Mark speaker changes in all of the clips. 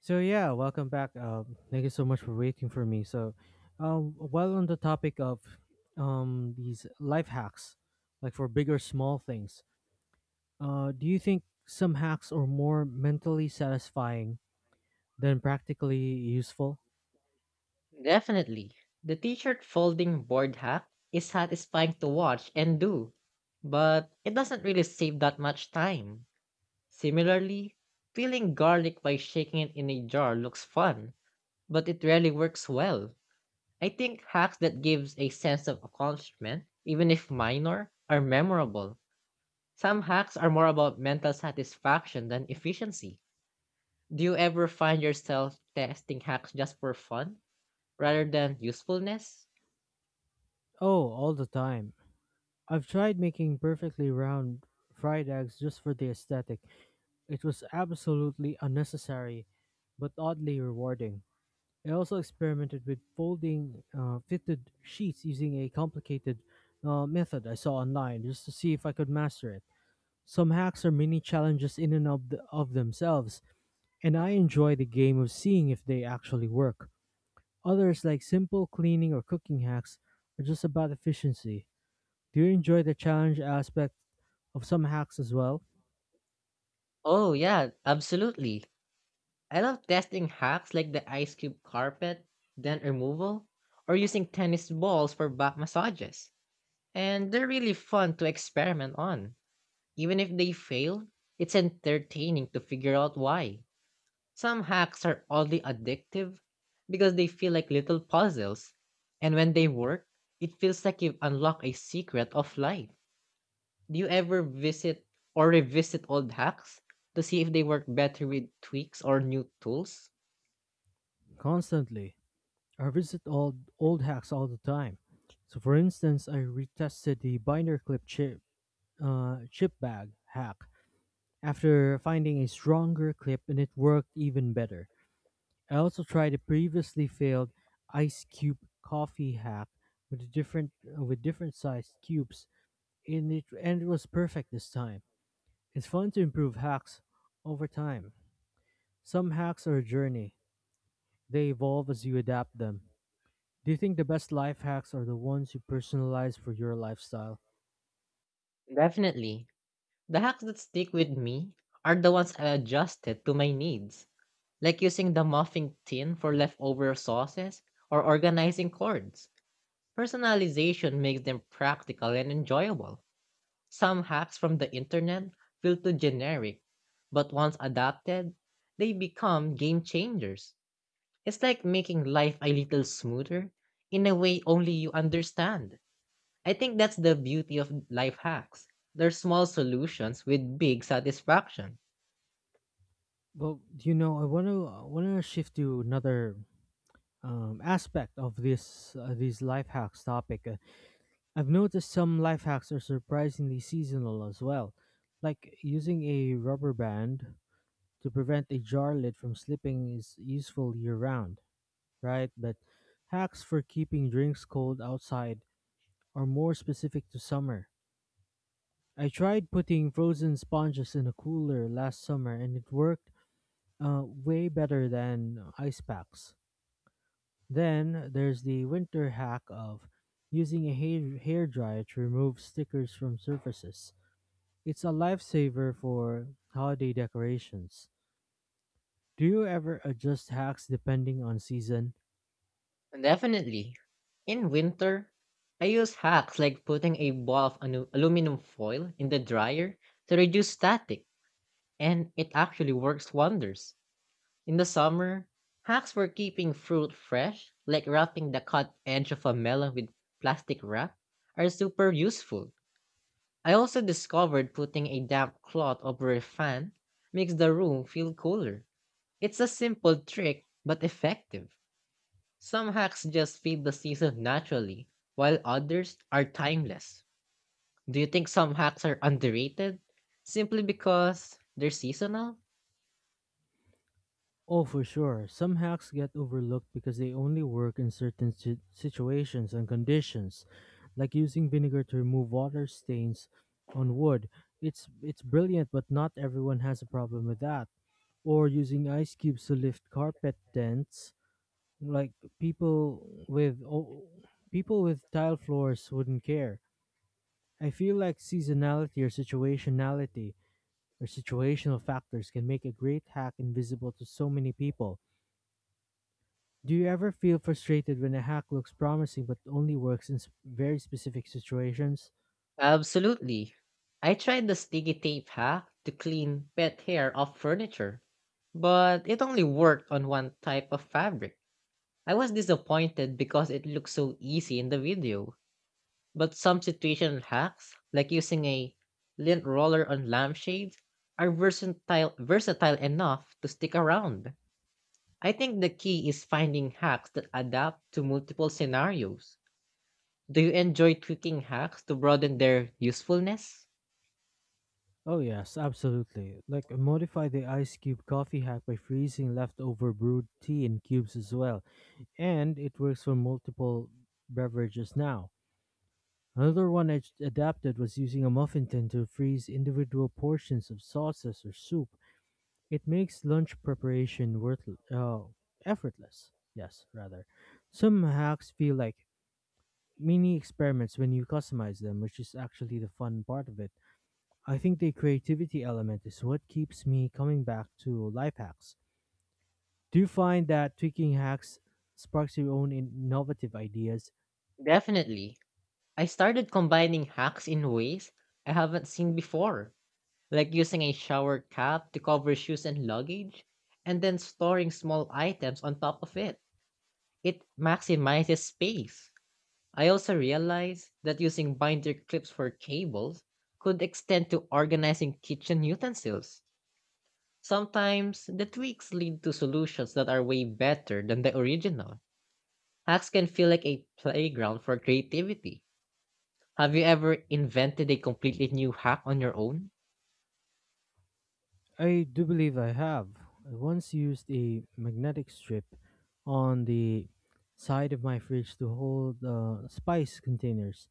Speaker 1: So yeah, welcome back. Thank you so much for waiting for me. While on the topic of these life hacks, like for big or small things, do you think some hacks are more mentally satisfying than practically useful?
Speaker 2: Definitely. The t-shirt folding board hack is satisfying to watch and do, but it doesn't really save that much time. Similarly, peeling garlic by shaking it in a jar looks fun, but it rarely works well. I think hacks that gives a sense of accomplishment, even if minor, are memorable. Some hacks are more about mental satisfaction than efficiency. Do you ever find yourself testing hacks just for fun rather than usefulness?
Speaker 1: Oh, all the time. I've tried making perfectly round fried eggs just for the aesthetic. It was absolutely unnecessary, but oddly rewarding. I also experimented with folding fitted sheets using a complicated method I saw online just to see if I could master it. Some hacks are mini challenges in and of themselves, and I enjoy the game of seeing if they actually work. Others, like simple cleaning or cooking hacks, are just about efficiency. Do you enjoy the challenge aspect of some hacks as well?
Speaker 2: Oh, yeah, absolutely. I love testing hacks like the ice cube carpet, dent removal, or using tennis balls for back massages. And they're really fun to experiment on. Even if they fail, it's entertaining to figure out why. Some hacks are oddly addictive because they feel like little puzzles. And when they work, it feels like you've unlocked a secret of life. Do you ever visit or revisit old hacks to see if they work better with tweaks or new tools?
Speaker 1: Constantly. I revisit old hacks all the time. So, for instance, I retested the binder clip chip bag hack after finding a stronger clip, and it worked even better. I also tried a previously failed ice cube coffee hack with a different with different sized cubes, and it was perfect this time. It's fun to improve hacks over time. Some hacks are a journey. They evolve as you adapt them. Do you think the best life hacks are the ones you personalize for your lifestyle?
Speaker 2: Definitely. The hacks that stick with me are the ones I adjusted to my needs, like using the muffing tin for leftover sauces or organizing cords. Personalization makes them practical and enjoyable. Some hacks from the internet feel too generic, but once adapted, they become game changers. It's like making life a little smoother in a way only you understand. I think that's the beauty of life hacks. They're small solutions with big satisfaction.
Speaker 1: Well, do you know, I want to shift to another aspect of this these life hacks topic. I've noticed some life hacks are surprisingly seasonal as well, like using a rubber band to prevent a jar lid from slipping is useful year round, right? But hacks for keeping drinks cold outside are more specific to summer. I tried putting frozen sponges in a cooler last summer, and it worked way better than ice packs. Then there's the winter hack of using a hair dryer to remove stickers from surfaces. It's a lifesaver for holiday decorations. Do you ever adjust hacks depending on season?
Speaker 2: Definitely. In winter, I use hacks like putting a ball of aluminum foil in the dryer to reduce static, and it actually works wonders. In the summer, hacks for keeping fruit fresh, like wrapping the cut edge of a melon with plastic wrap, are super useful. I also discovered putting a damp cloth over a fan makes the room feel cooler. It's a simple trick, but effective. Some hacks just fit the season naturally, while others are timeless. Do you think some hacks are underrated simply because they're seasonal?
Speaker 1: Oh, for sure. Some hacks get overlooked because they only work in certain situations and conditions, like using vinegar to remove water stains on wood. It's brilliant, but not everyone has a problem with that. Or using ice cubes to lift carpet dents, like people with oh, people with tile floors wouldn't care. I feel like seasonality or situationality or situational factors can make a great hack invisible to so many people. Do you ever feel frustrated when a hack looks promising but only works in very specific situations?
Speaker 2: Absolutely. I tried the sticky tape hack to clean pet hair off furniture, but it only worked on one type of fabric. I was disappointed because it looked so easy in the video, but some situational hacks, like using a lint roller on lampshades, are versatile enough to stick around. I think the key is finding hacks that adapt to multiple scenarios. Do you enjoy tweaking hacks to broaden their usefulness?
Speaker 1: Oh yes, absolutely. Like, modify the ice cube coffee hack by freezing leftover brewed tea in cubes as well, and it works for multiple beverages now. Another one I adapted was using a muffin tin to freeze individual portions of sauces or soup. It makes lunch preparation worth effortless. Yes, rather. Some hacks feel like mini experiments when you customize them, which is actually the fun part of it. I think the creativity element is what keeps me coming back to life hacks. Do you find that tweaking hacks sparks your own innovative ideas?
Speaker 2: Definitely. I started combining hacks in ways I haven't seen before, like using a shower cap to cover shoes and luggage, and then storing small items on top of it. It maximizes space. I also realized that using binder clips for cables could extend to organizing kitchen utensils. Sometimes the tweaks lead to solutions that are way better than the original. Hacks can feel like a playground for creativity. Have you ever invented a completely new hack on your own?
Speaker 1: I do believe I have. I once used a magnetic strip on the side of my fridge to hold spice containers.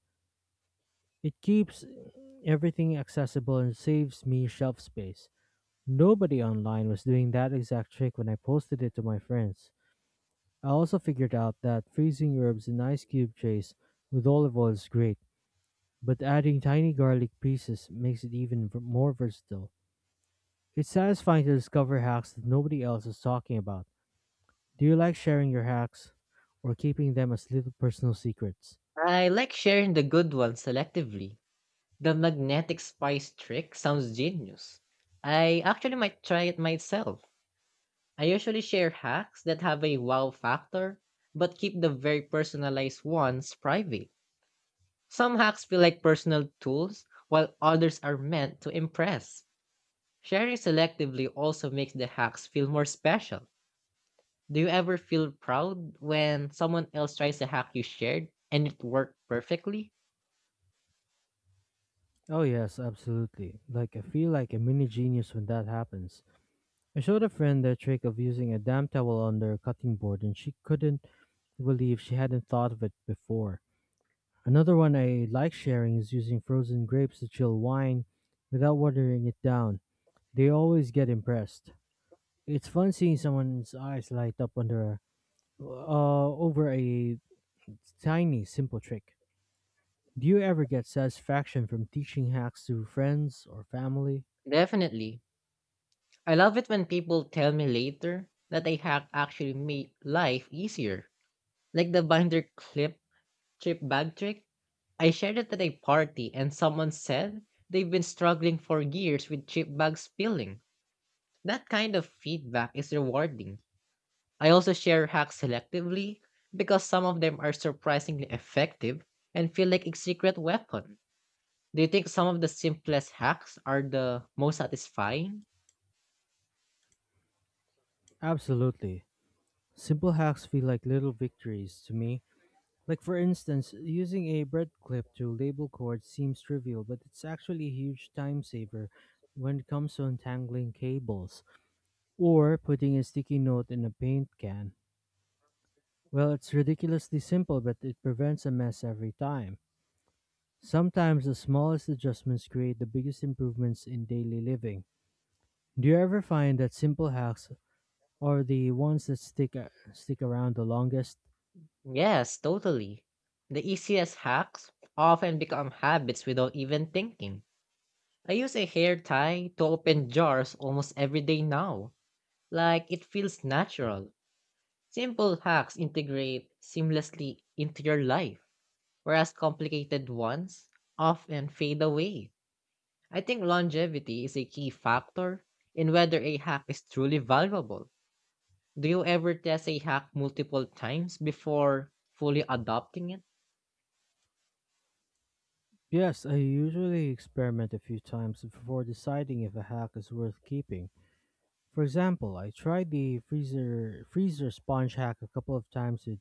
Speaker 1: It keeps everything accessible and saves me shelf space. Nobody online was doing that exact trick when I posted it to my friends. I also figured out that freezing herbs in ice cube trays with olive oil is great, but adding tiny garlic pieces makes it even more versatile. It's satisfying to discover hacks that nobody else is talking about. Do you like sharing your hacks or keeping them as little personal secrets?
Speaker 2: I like sharing the good ones selectively. The magnetic spice trick sounds genius. I actually might try it myself. I usually share hacks that have a wow factor, but keep the very personalized ones private. Some hacks feel like personal tools, while others are meant to impress. Sharing selectively also makes the hacks feel more special. Do you ever feel proud when someone else tries a hack you shared and it worked perfectly?
Speaker 1: Oh, yes, absolutely. Like, I feel like a mini genius when that happens. I showed a friend the trick of using a damp towel under a cutting board, and she couldn't believe she hadn't thought of it before. Another one I like sharing is using frozen grapes to chill wine without watering it down. They always get impressed. It's fun seeing someone's eyes light up under a over a tiny simple trick. Do you ever get satisfaction from teaching hacks to friends or family?
Speaker 2: Definitely. I love it when people tell me later that a hack actually made life easier. Like the binder clip trip bag trick. I shared it at a party and someone said they've been struggling for years with chip bags spilling. That kind of feedback is rewarding. I also share hacks selectively because some of them are surprisingly effective and feel like a secret weapon. Do you think some of the simplest hacks are the most satisfying?
Speaker 1: Absolutely. Simple hacks feel like little victories to me. Like, for instance, using a bread clip to label cords seems trivial, but it's actually a huge time saver when it comes to untangling cables. Or putting a sticky note in a paint can. Well, it's ridiculously simple, but it prevents a mess every time. Sometimes the smallest adjustments create the biggest improvements in daily living. Do you ever find that simple hacks are the ones that stick around the longest?
Speaker 2: Yes, totally. The easiest hacks often become habits without even thinking. I use a hair tie to open jars almost every day now. Like it feels natural. Simple hacks integrate seamlessly into your life, whereas complicated ones often fade away. I think longevity is a key factor in whether a hack is truly valuable. Do you ever test a hack multiple times before fully adopting it?
Speaker 1: Yes, I usually experiment a few times before deciding if a hack is worth keeping. For example, I tried the freezer sponge hack a couple of times with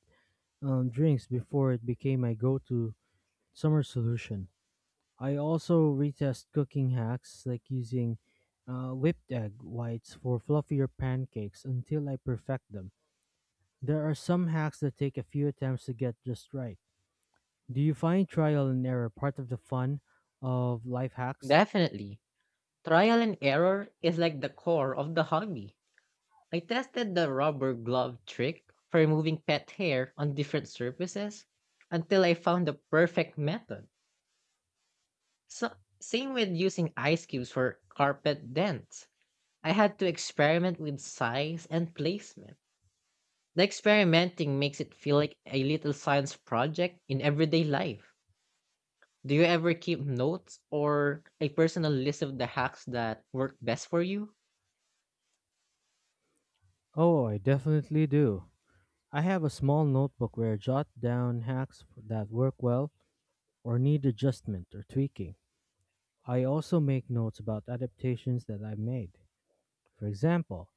Speaker 1: drinks before it became my go-to summer solution. I also retest cooking hacks like using whipped egg whites for fluffier pancakes until I perfect them. There are some hacks that take a few attempts to get just right. Do you find trial and error part of the fun of life hacks?
Speaker 2: Definitely. Trial and error is like the core of the hobby. I tested the rubber glove trick for removing pet hair on different surfaces until I found the perfect method. So, same with using ice cubes for carpet dents. I had to experiment with size and placement. The experimenting makes it feel like a little science project in everyday life. Do you ever keep notes or a personal list of the hacks that work best for you?
Speaker 1: Oh, I definitely do. I have a small notebook where I jot down hacks that work well or need adjustment or tweaking. I also make notes about adaptations that I've made. For example,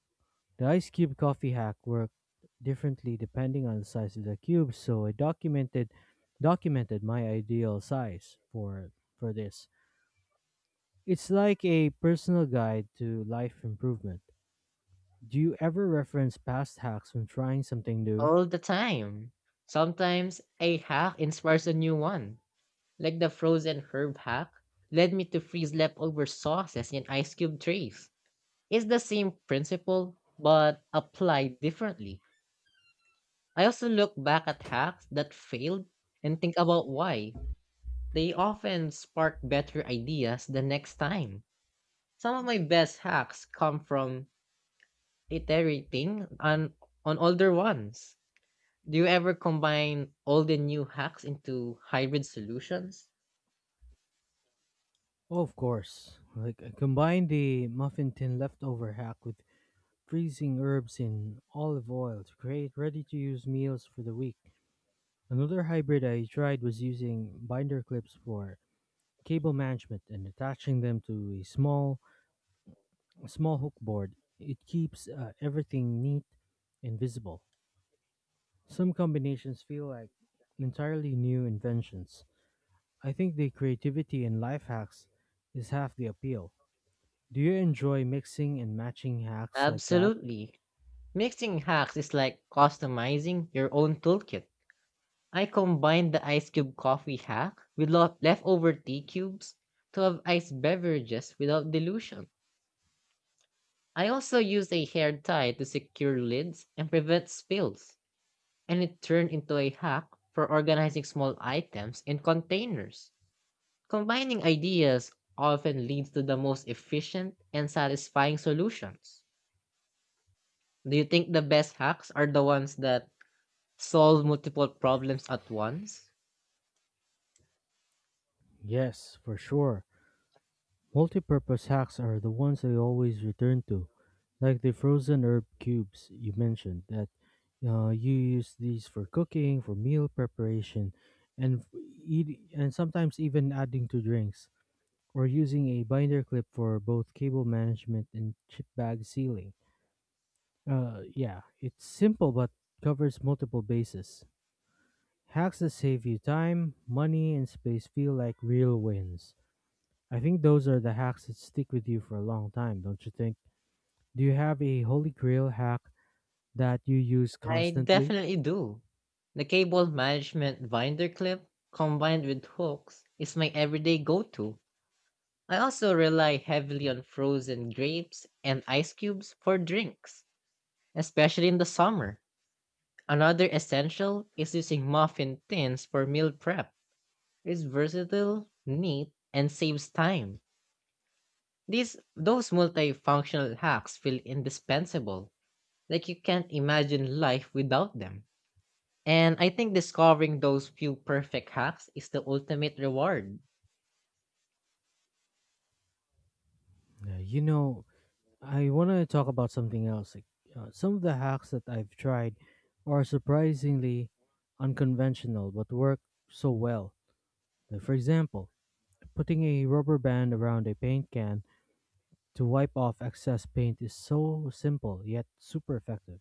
Speaker 1: the ice cube coffee hack worked differently depending on the size of the cube, so I documented my ideal size for this. It's like a personal guide to life improvement. Do you ever reference past hacks when trying something new?
Speaker 2: All the time. Sometimes a hack inspires a new one, like the frozen herb hack led me to freeze leftover sauces in ice cube trays. It's the same principle, but applied differently. I also look back at hacks that failed and think about why. They often spark better ideas the next time. Some of my best hacks come from iterating on, on older ones. Do you ever combine all the new hacks into hybrid solutions?
Speaker 1: Oh, of course. Like, I combine the muffin tin leftover hack with freezing herbs in olive oil to create ready-to-use meals for the week. Another hybrid I tried was using binder clips for cable management and attaching them to a small hook board. It keeps everything neat and visible. Some combinations feel like entirely new inventions. I think the creativity and life hacks is half the appeal. Do you enjoy mixing and matching hacks like that?
Speaker 2: Absolutely. Mixing hacks is like customizing your own toolkit. I combined the ice cube coffee hack with leftover tea cubes to have iced beverages without dilution. I also used a hair tie to secure lids and prevent spills, and it turned into a hack for organizing small items in containers. Combining ideas often leads to the most efficient and satisfying solutions. Do you think the best hacks are the ones that solve multiple problems at once?
Speaker 1: Yes, for sure. Multi-purpose hacks are the ones I always return to, like the frozen herb cubes you mentioned. That You use these for cooking, for meal preparation, and and sometimes even adding to drinks, or using a binder clip for both cable management and chip bag sealing. Yeah, it's simple but covers multiple bases. Hacks that save you time, money, and space feel like real wins. I think those are the hacks that stick with you for a long time, don't you think? Do you have a holy grail hack that you use
Speaker 2: I
Speaker 1: constantly?
Speaker 2: definitely do. The cable management binder clip combined with hooks is my everyday go to. I also rely heavily on frozen grapes and ice cubes for drinks, especially in the summer. Another essential is using muffin tins for meal prep. Is versatile, neat, and saves time. These those multifunctional hacks feel indispensable, like you can't imagine life without them. And I think discovering those few perfect hacks is the ultimate reward.
Speaker 1: You know, I want to talk about something else. Like, some of the hacks that I've tried are surprisingly unconventional but work so well. Like, for example, putting a rubber band around a paint can to wipe off excess paint is so simple yet super effective.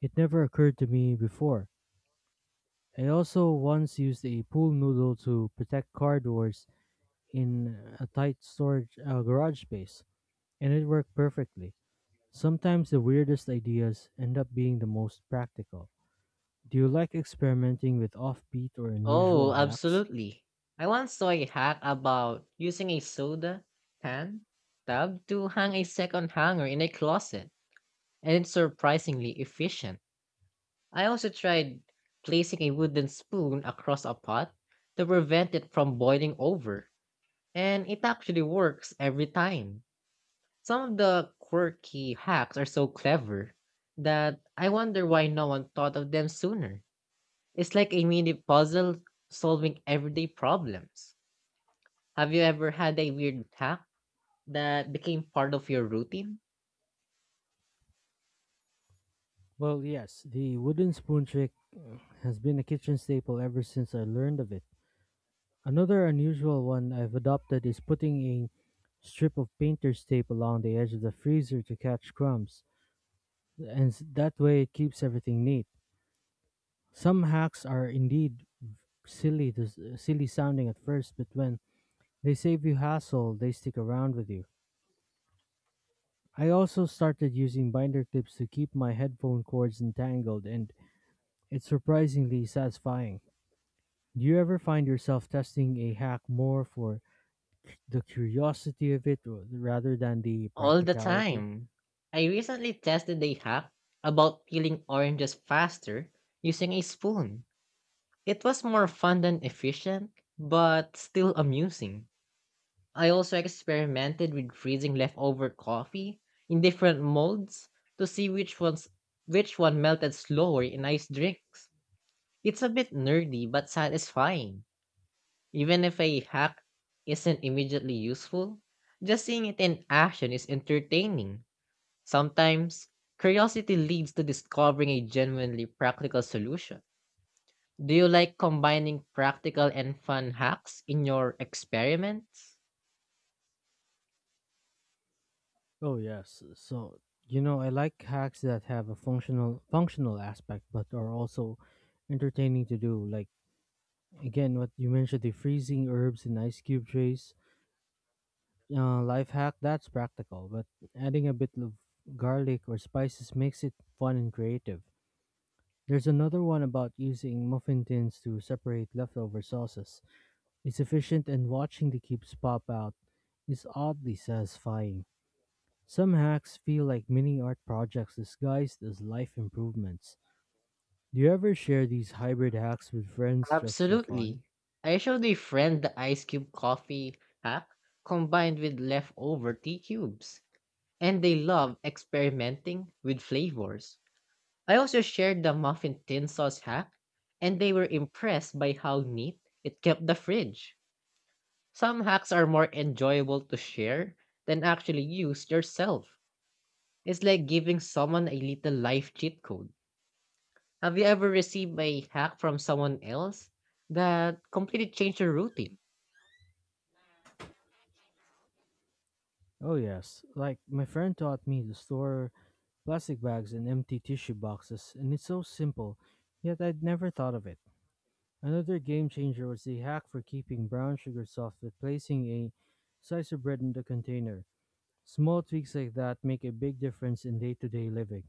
Speaker 1: It never occurred to me before. I also once used a pool noodle to protect car doors in a tight storage garage space, and it worked perfectly. Sometimes the weirdest ideas end up being the most practical. Do you like experimenting with offbeat or
Speaker 2: Oh,
Speaker 1: unusual hacks?
Speaker 2: absolutely. I once saw a hack about using a soda can tab to hang a second hanger in a closet, and it's surprisingly efficient. I also tried placing a wooden spoon across a pot to prevent it from boiling over, and it actually works every time. Some of the quirky hacks are so clever that I wonder why no one thought of them sooner. It's like a mini puzzle solving everyday problems. Have you ever had a weird hack that became part of your routine?
Speaker 1: Well, yes, the wooden spoon trick has been a kitchen staple ever since I learned of it. Another unusual one I've adopted is putting a strip of painter's tape along the edge of the freezer to catch crumbs. And that way it keeps everything neat. Some hacks are indeed silly sounding at first, but when they save you hassle, they stick around with you. I also started using binder clips to keep my headphone cords entangled, and it's surprisingly satisfying. Do you ever find yourself testing a hack more for the curiosity of it rather than the
Speaker 2: All the
Speaker 1: practicality?
Speaker 2: time. I recently tested a hack about peeling oranges faster using a spoon. It was more fun than efficient, but still amusing. I also experimented with freezing leftover coffee in different molds to see which ones which one melted slower in iced drinks. It's a bit nerdy but satisfying. Even if a hack isn't immediately useful, just seeing it in action is entertaining. Sometimes, curiosity leads to discovering a genuinely practical solution. Do you like combining practical and fun hacks in your experiments?
Speaker 1: Oh yes. So, you know, I like hacks that have a functional aspect, but are also entertaining to do. Like, again, what you mentioned, the freezing herbs in ice cube trays. Life hack that's practical, but adding a bit of garlic or spices makes it fun and creative. There's another one about using muffin tins to separate leftover sauces. It's efficient, and watching the cubes pop out is oddly satisfying. Some hacks feel like mini art projects disguised as life improvements. Do you ever share these hybrid hacks with friends just for fun?
Speaker 2: Absolutely. I showed a friend the ice cube coffee hack combined with leftover tea cubes, and they love experimenting with flavors. I also shared the muffin tin sauce hack, and they were impressed by how neat it kept the fridge. Some hacks are more enjoyable to share than actually use yourself. It's like giving someone a little life cheat code. Have you ever received a hack from someone else that completely changed your routine?
Speaker 1: Oh, yes. Like, my friend taught me to store plastic bags in empty tissue boxes, and it's so simple, yet I'd never thought of it. Another game changer was the hack for keeping brown sugar soft with placing a slice of bread in the container. Small tweaks like that make a big difference in day to day living.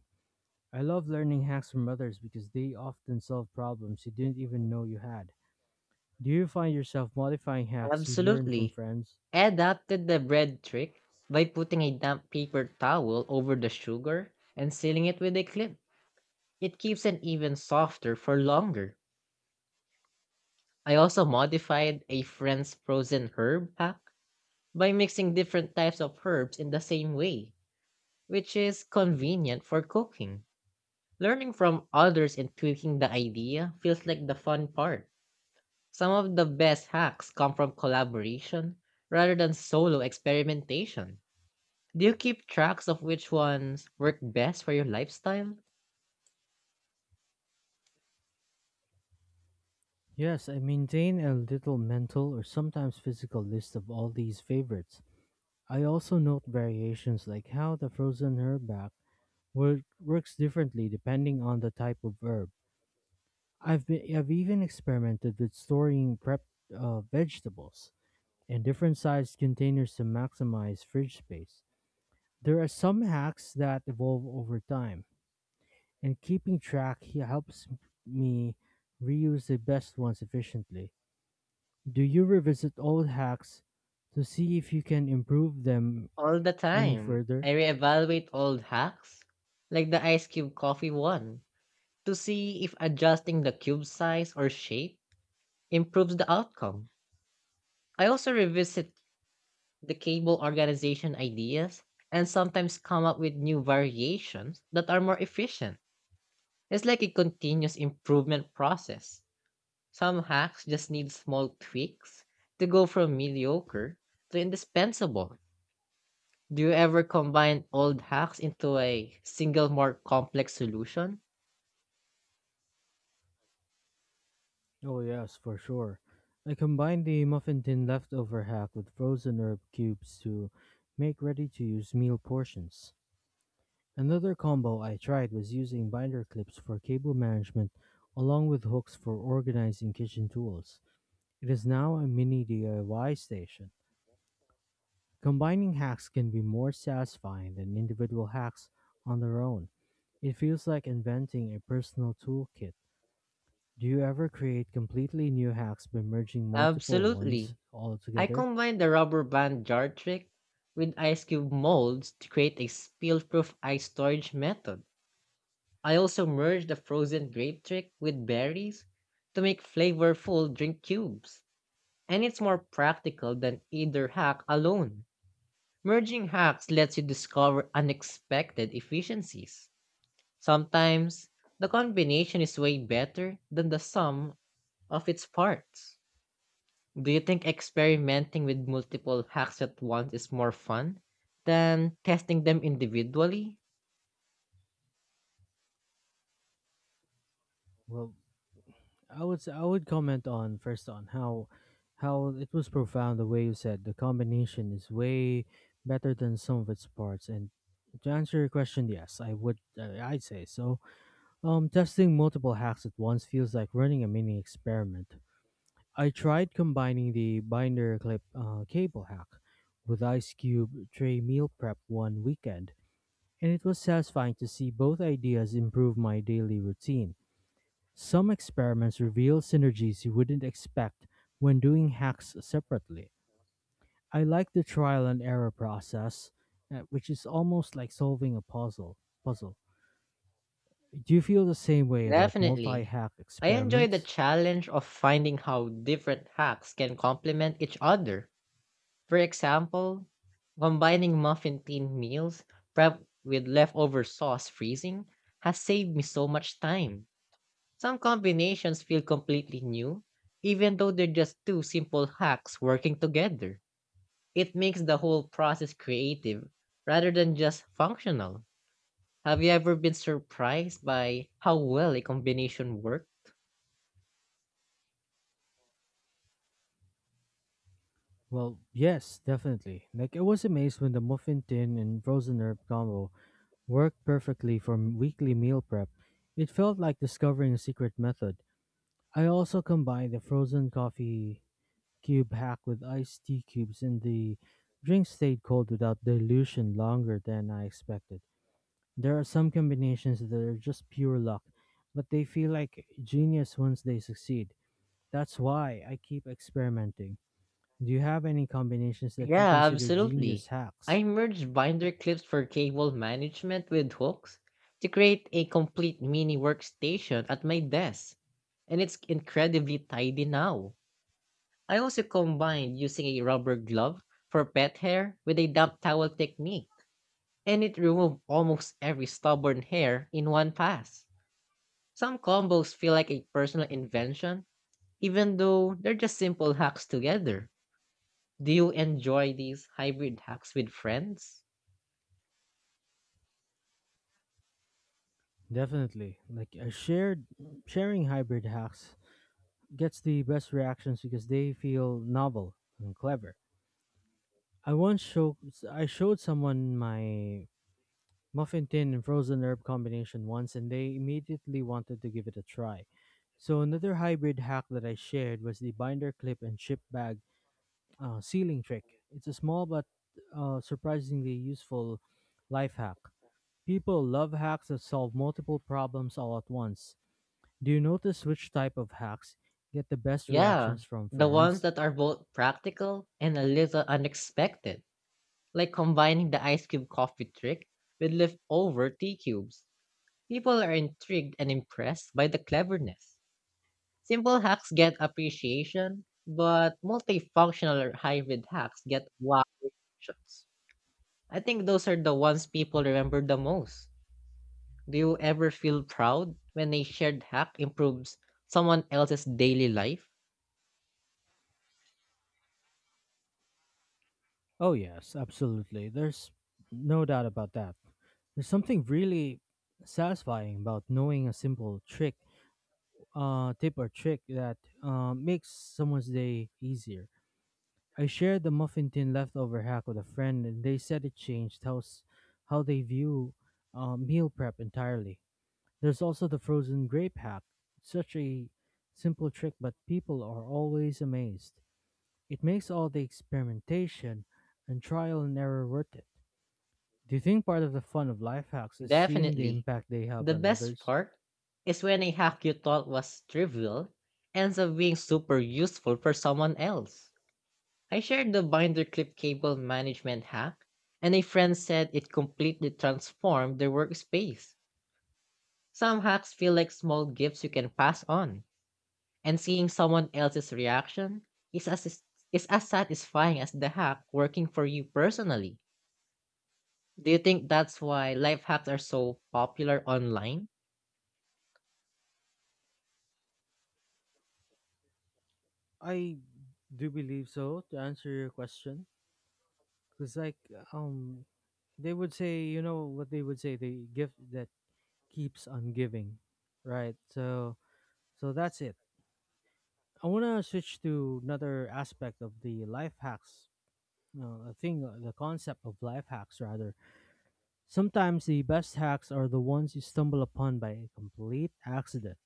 Speaker 1: I love learning hacks from others because they often solve problems you didn't even know you had. Do you find yourself modifying hacks you learn from
Speaker 2: Absolutely.
Speaker 1: friends?
Speaker 2: I adapted the bread trick by putting a damp paper towel over the sugar and sealing it with a clip. It keeps it even softer for longer. I also modified a friend's frozen herb hack by mixing different types of herbs in the same way, which is convenient for cooking. Learning from others and tweaking the idea feels like the fun part. Some of the best hacks come from collaboration rather than solo experimentation. Do you keep tracks of which ones work best for your lifestyle?
Speaker 1: Yes, I maintain a little mental or sometimes physical list of all these favorites. I also note variations like how the frozen herb works differently depending on the type of herb. I've even experimented with storing prepped vegetables in different sized containers to maximize fridge space. There are some hacks that evolve over time, and keeping track helps me reuse the best ones efficiently. Do you revisit old hacks to see if you can improve them
Speaker 2: All the
Speaker 1: any
Speaker 2: time.
Speaker 1: further?
Speaker 2: I reevaluate old hacks, like the ice cube coffee one, to see if adjusting the cube size or shape improves the outcome. I also revisit the cable organization ideas and sometimes come up with new variations that are more efficient. It's like a continuous improvement process. Some hacks just need small tweaks to go from mediocre to indispensable. Do you ever combine old hacks into a single more complex solution?
Speaker 1: Oh, yes, for sure. I combine the muffin tin leftover hack with frozen herb cubes to make ready to use meal portions. Another combo I tried was using binder clips for cable management along with hooks for organizing kitchen tools. It is now a mini DIY station. Combining hacks can be more satisfying than individual hacks on their own. It feels like inventing a personal toolkit. Do you ever create completely new hacks by merging multiple ones
Speaker 2: Absolutely.
Speaker 1: all
Speaker 2: I
Speaker 1: together?
Speaker 2: combined the rubber band jar trick with ice cube molds to create a spill proof ice storage method. I also merge the frozen grape trick with berries to make flavorful drink cubes. And it's more practical than either hack alone. Merging hacks lets you discover unexpected efficiencies. Sometimes, the combination is way better than the sum of its parts. Do you think experimenting with multiple hacks at once is more fun than testing them individually?
Speaker 1: Well, I would comment on first on how it was profound the way you said the combination is way better than some of its parts, and to answer your question, yes, I would, I'd say so. Testing multiple hacks at once feels like running a mini experiment. I tried combining the binder clip cable hack with ice cube tray meal prep one weekend, and it was satisfying to see both ideas improve my daily routine. Some experiments reveal synergies you wouldn't expect when doing hacks separately. I like the trial and error process, which is almost like solving a puzzle. Puzzle. Do you feel the same way about
Speaker 2: Definitely.
Speaker 1: multi-hack
Speaker 2: I enjoy the
Speaker 1: experiments?
Speaker 2: challenge of finding how different hacks can complement each other. For example, combining muffin tin meals prep with leftover sauce freezing has saved me so much time. Some combinations feel completely new, even though they're just two simple hacks working together. It makes the whole process creative rather than just functional. Have you ever been surprised by how well a combination works?
Speaker 1: Well, yes, definitely. Like, I was amazed when the muffin tin and frozen herb combo worked perfectly for weekly meal prep. It felt like discovering a secret method. I also combined the frozen coffee cube hack with iced tea cubes, and the drink stayed cold without dilution longer than I expected. There are some combinations that are just pure luck, but they feel like genius once they succeed. That's why I keep experimenting. Do you have any combinations that you
Speaker 2: Yeah,
Speaker 1: consider genius
Speaker 2: absolutely.
Speaker 1: hacks?
Speaker 2: I merged binder clips for cable management with hooks to create a complete mini workstation at my desk, and it's incredibly tidy now. I also combined using a rubber glove for pet hair with a damp towel technique, and it removed almost every stubborn hair in one pass. Some combos feel like a personal invention, even though they're just simple hacks together. Do you enjoy these hybrid hacks with friends?
Speaker 1: Definitely. Like, a shared sharing hybrid hacks gets the best reactions because they feel novel and clever. I once showed I showed someone my muffin tin and frozen herb combination once, and they immediately wanted to give it a try. So another hybrid hack that I shared was the binder clip and chip bag sealing trick. It's a small but surprisingly useful life hack. People love hacks that solve multiple problems all at once. Do you notice which type of hacks get the best
Speaker 2: Yeah,
Speaker 1: reactions from
Speaker 2: the ones
Speaker 1: friends?
Speaker 2: that are both practical and a little unexpected, like combining the ice cube coffee trick with leftover tea cubes. People are intrigued and impressed by the cleverness. Simple hacks get appreciation, but multifunctional or hybrid hacks get wow reactions. I think those are the ones people remember the most. Do you ever feel proud when a shared hack improves someone else's daily life?
Speaker 1: Oh, yes, absolutely. There's no doubt about that. There's something really satisfying about knowing a simple trick, tip or trick that makes someone's day easier. I shared the muffin tin leftover hack with a friend, and they said it changed how they view meal prep entirely. There's also the frozen grape hack. It's such a simple trick, but people are always amazed. It makes all the experimentation and trial and error worth it. Do you think part of the fun of life hacks is seeing the
Speaker 2: Definitely.
Speaker 1: impact they have
Speaker 2: The
Speaker 1: on
Speaker 2: best
Speaker 1: others?
Speaker 2: part is when a hack you thought was trivial ends up being super useful for someone else. I shared the binder clip cable management hack, and a friend said it completely transformed their workspace. Some hacks feel like small gifts you can pass on, and seeing someone else's reaction is as is as satisfying as the hack working for you personally. Do you think that's why life hacks are so popular online?
Speaker 1: I do believe so, to answer your question. Because, like, um, they would say, you know what they would say, the gift that keeps on giving, right? So that's it. I want to switch to another aspect of the life hacks the concept of life hacks rather. Sometimes the best hacks are the ones you stumble upon by a complete accident.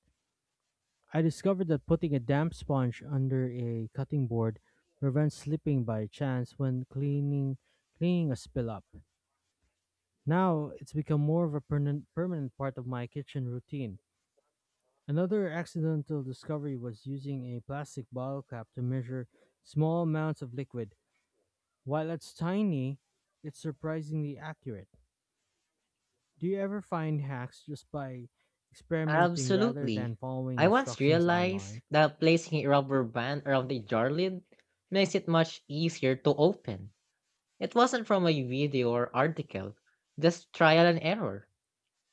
Speaker 1: I discovered that putting a damp sponge under a cutting board prevents slipping by chance when cleaning a spill up. Now it's become more of a permanent part of my kitchen routine. Another accidental discovery was using a plastic bottle cap to measure small amounts of liquid. While it's tiny, it's surprisingly accurate. Do you ever find hacks just by experimenting rather than
Speaker 2: Absolutely.
Speaker 1: following
Speaker 2: I once
Speaker 1: instructions
Speaker 2: realized
Speaker 1: online?
Speaker 2: that placing a rubber band around the jar lid makes it much easier to open. It wasn't from a video or article, just trial and error.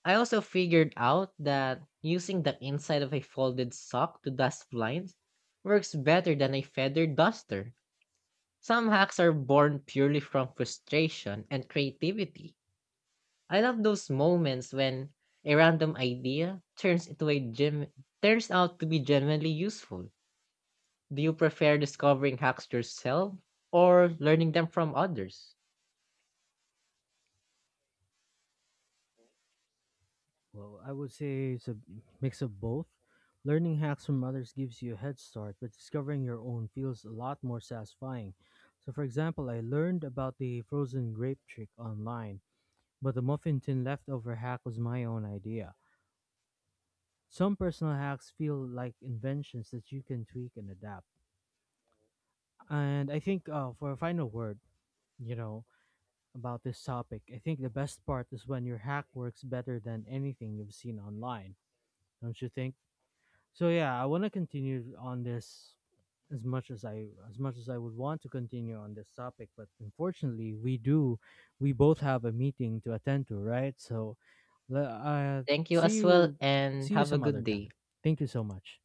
Speaker 2: I also figured out that using the inside of a folded sock to dust blinds works better than a feather duster. Some hacks are born purely from frustration and creativity. I love those moments when a random idea turns into a gem turns out to be genuinely useful. Do you prefer discovering hacks yourself or learning them from others?
Speaker 1: Well, I would say it's a mix of both. Learning hacks from others gives you a head start, but discovering your own feels a lot more satisfying. So, for example, I learned about the frozen grape trick online, but the muffin tin leftover hack was my own idea. Some personal hacks feel like inventions that you can tweak and adapt. And I think, for a final word, you know, about this topic, I think the best part is when your hack works better than anything you've seen online, don't you think? So yeah, I want to continue on this, as much as I would want to continue on this topic, but unfortunately, we both have a meeting to attend to, right? So le- uh,
Speaker 2: Thank you
Speaker 1: see
Speaker 2: as well
Speaker 1: you
Speaker 2: and
Speaker 1: see you
Speaker 2: have a
Speaker 1: some other
Speaker 2: good
Speaker 1: time.
Speaker 2: day.
Speaker 1: Thank you so much.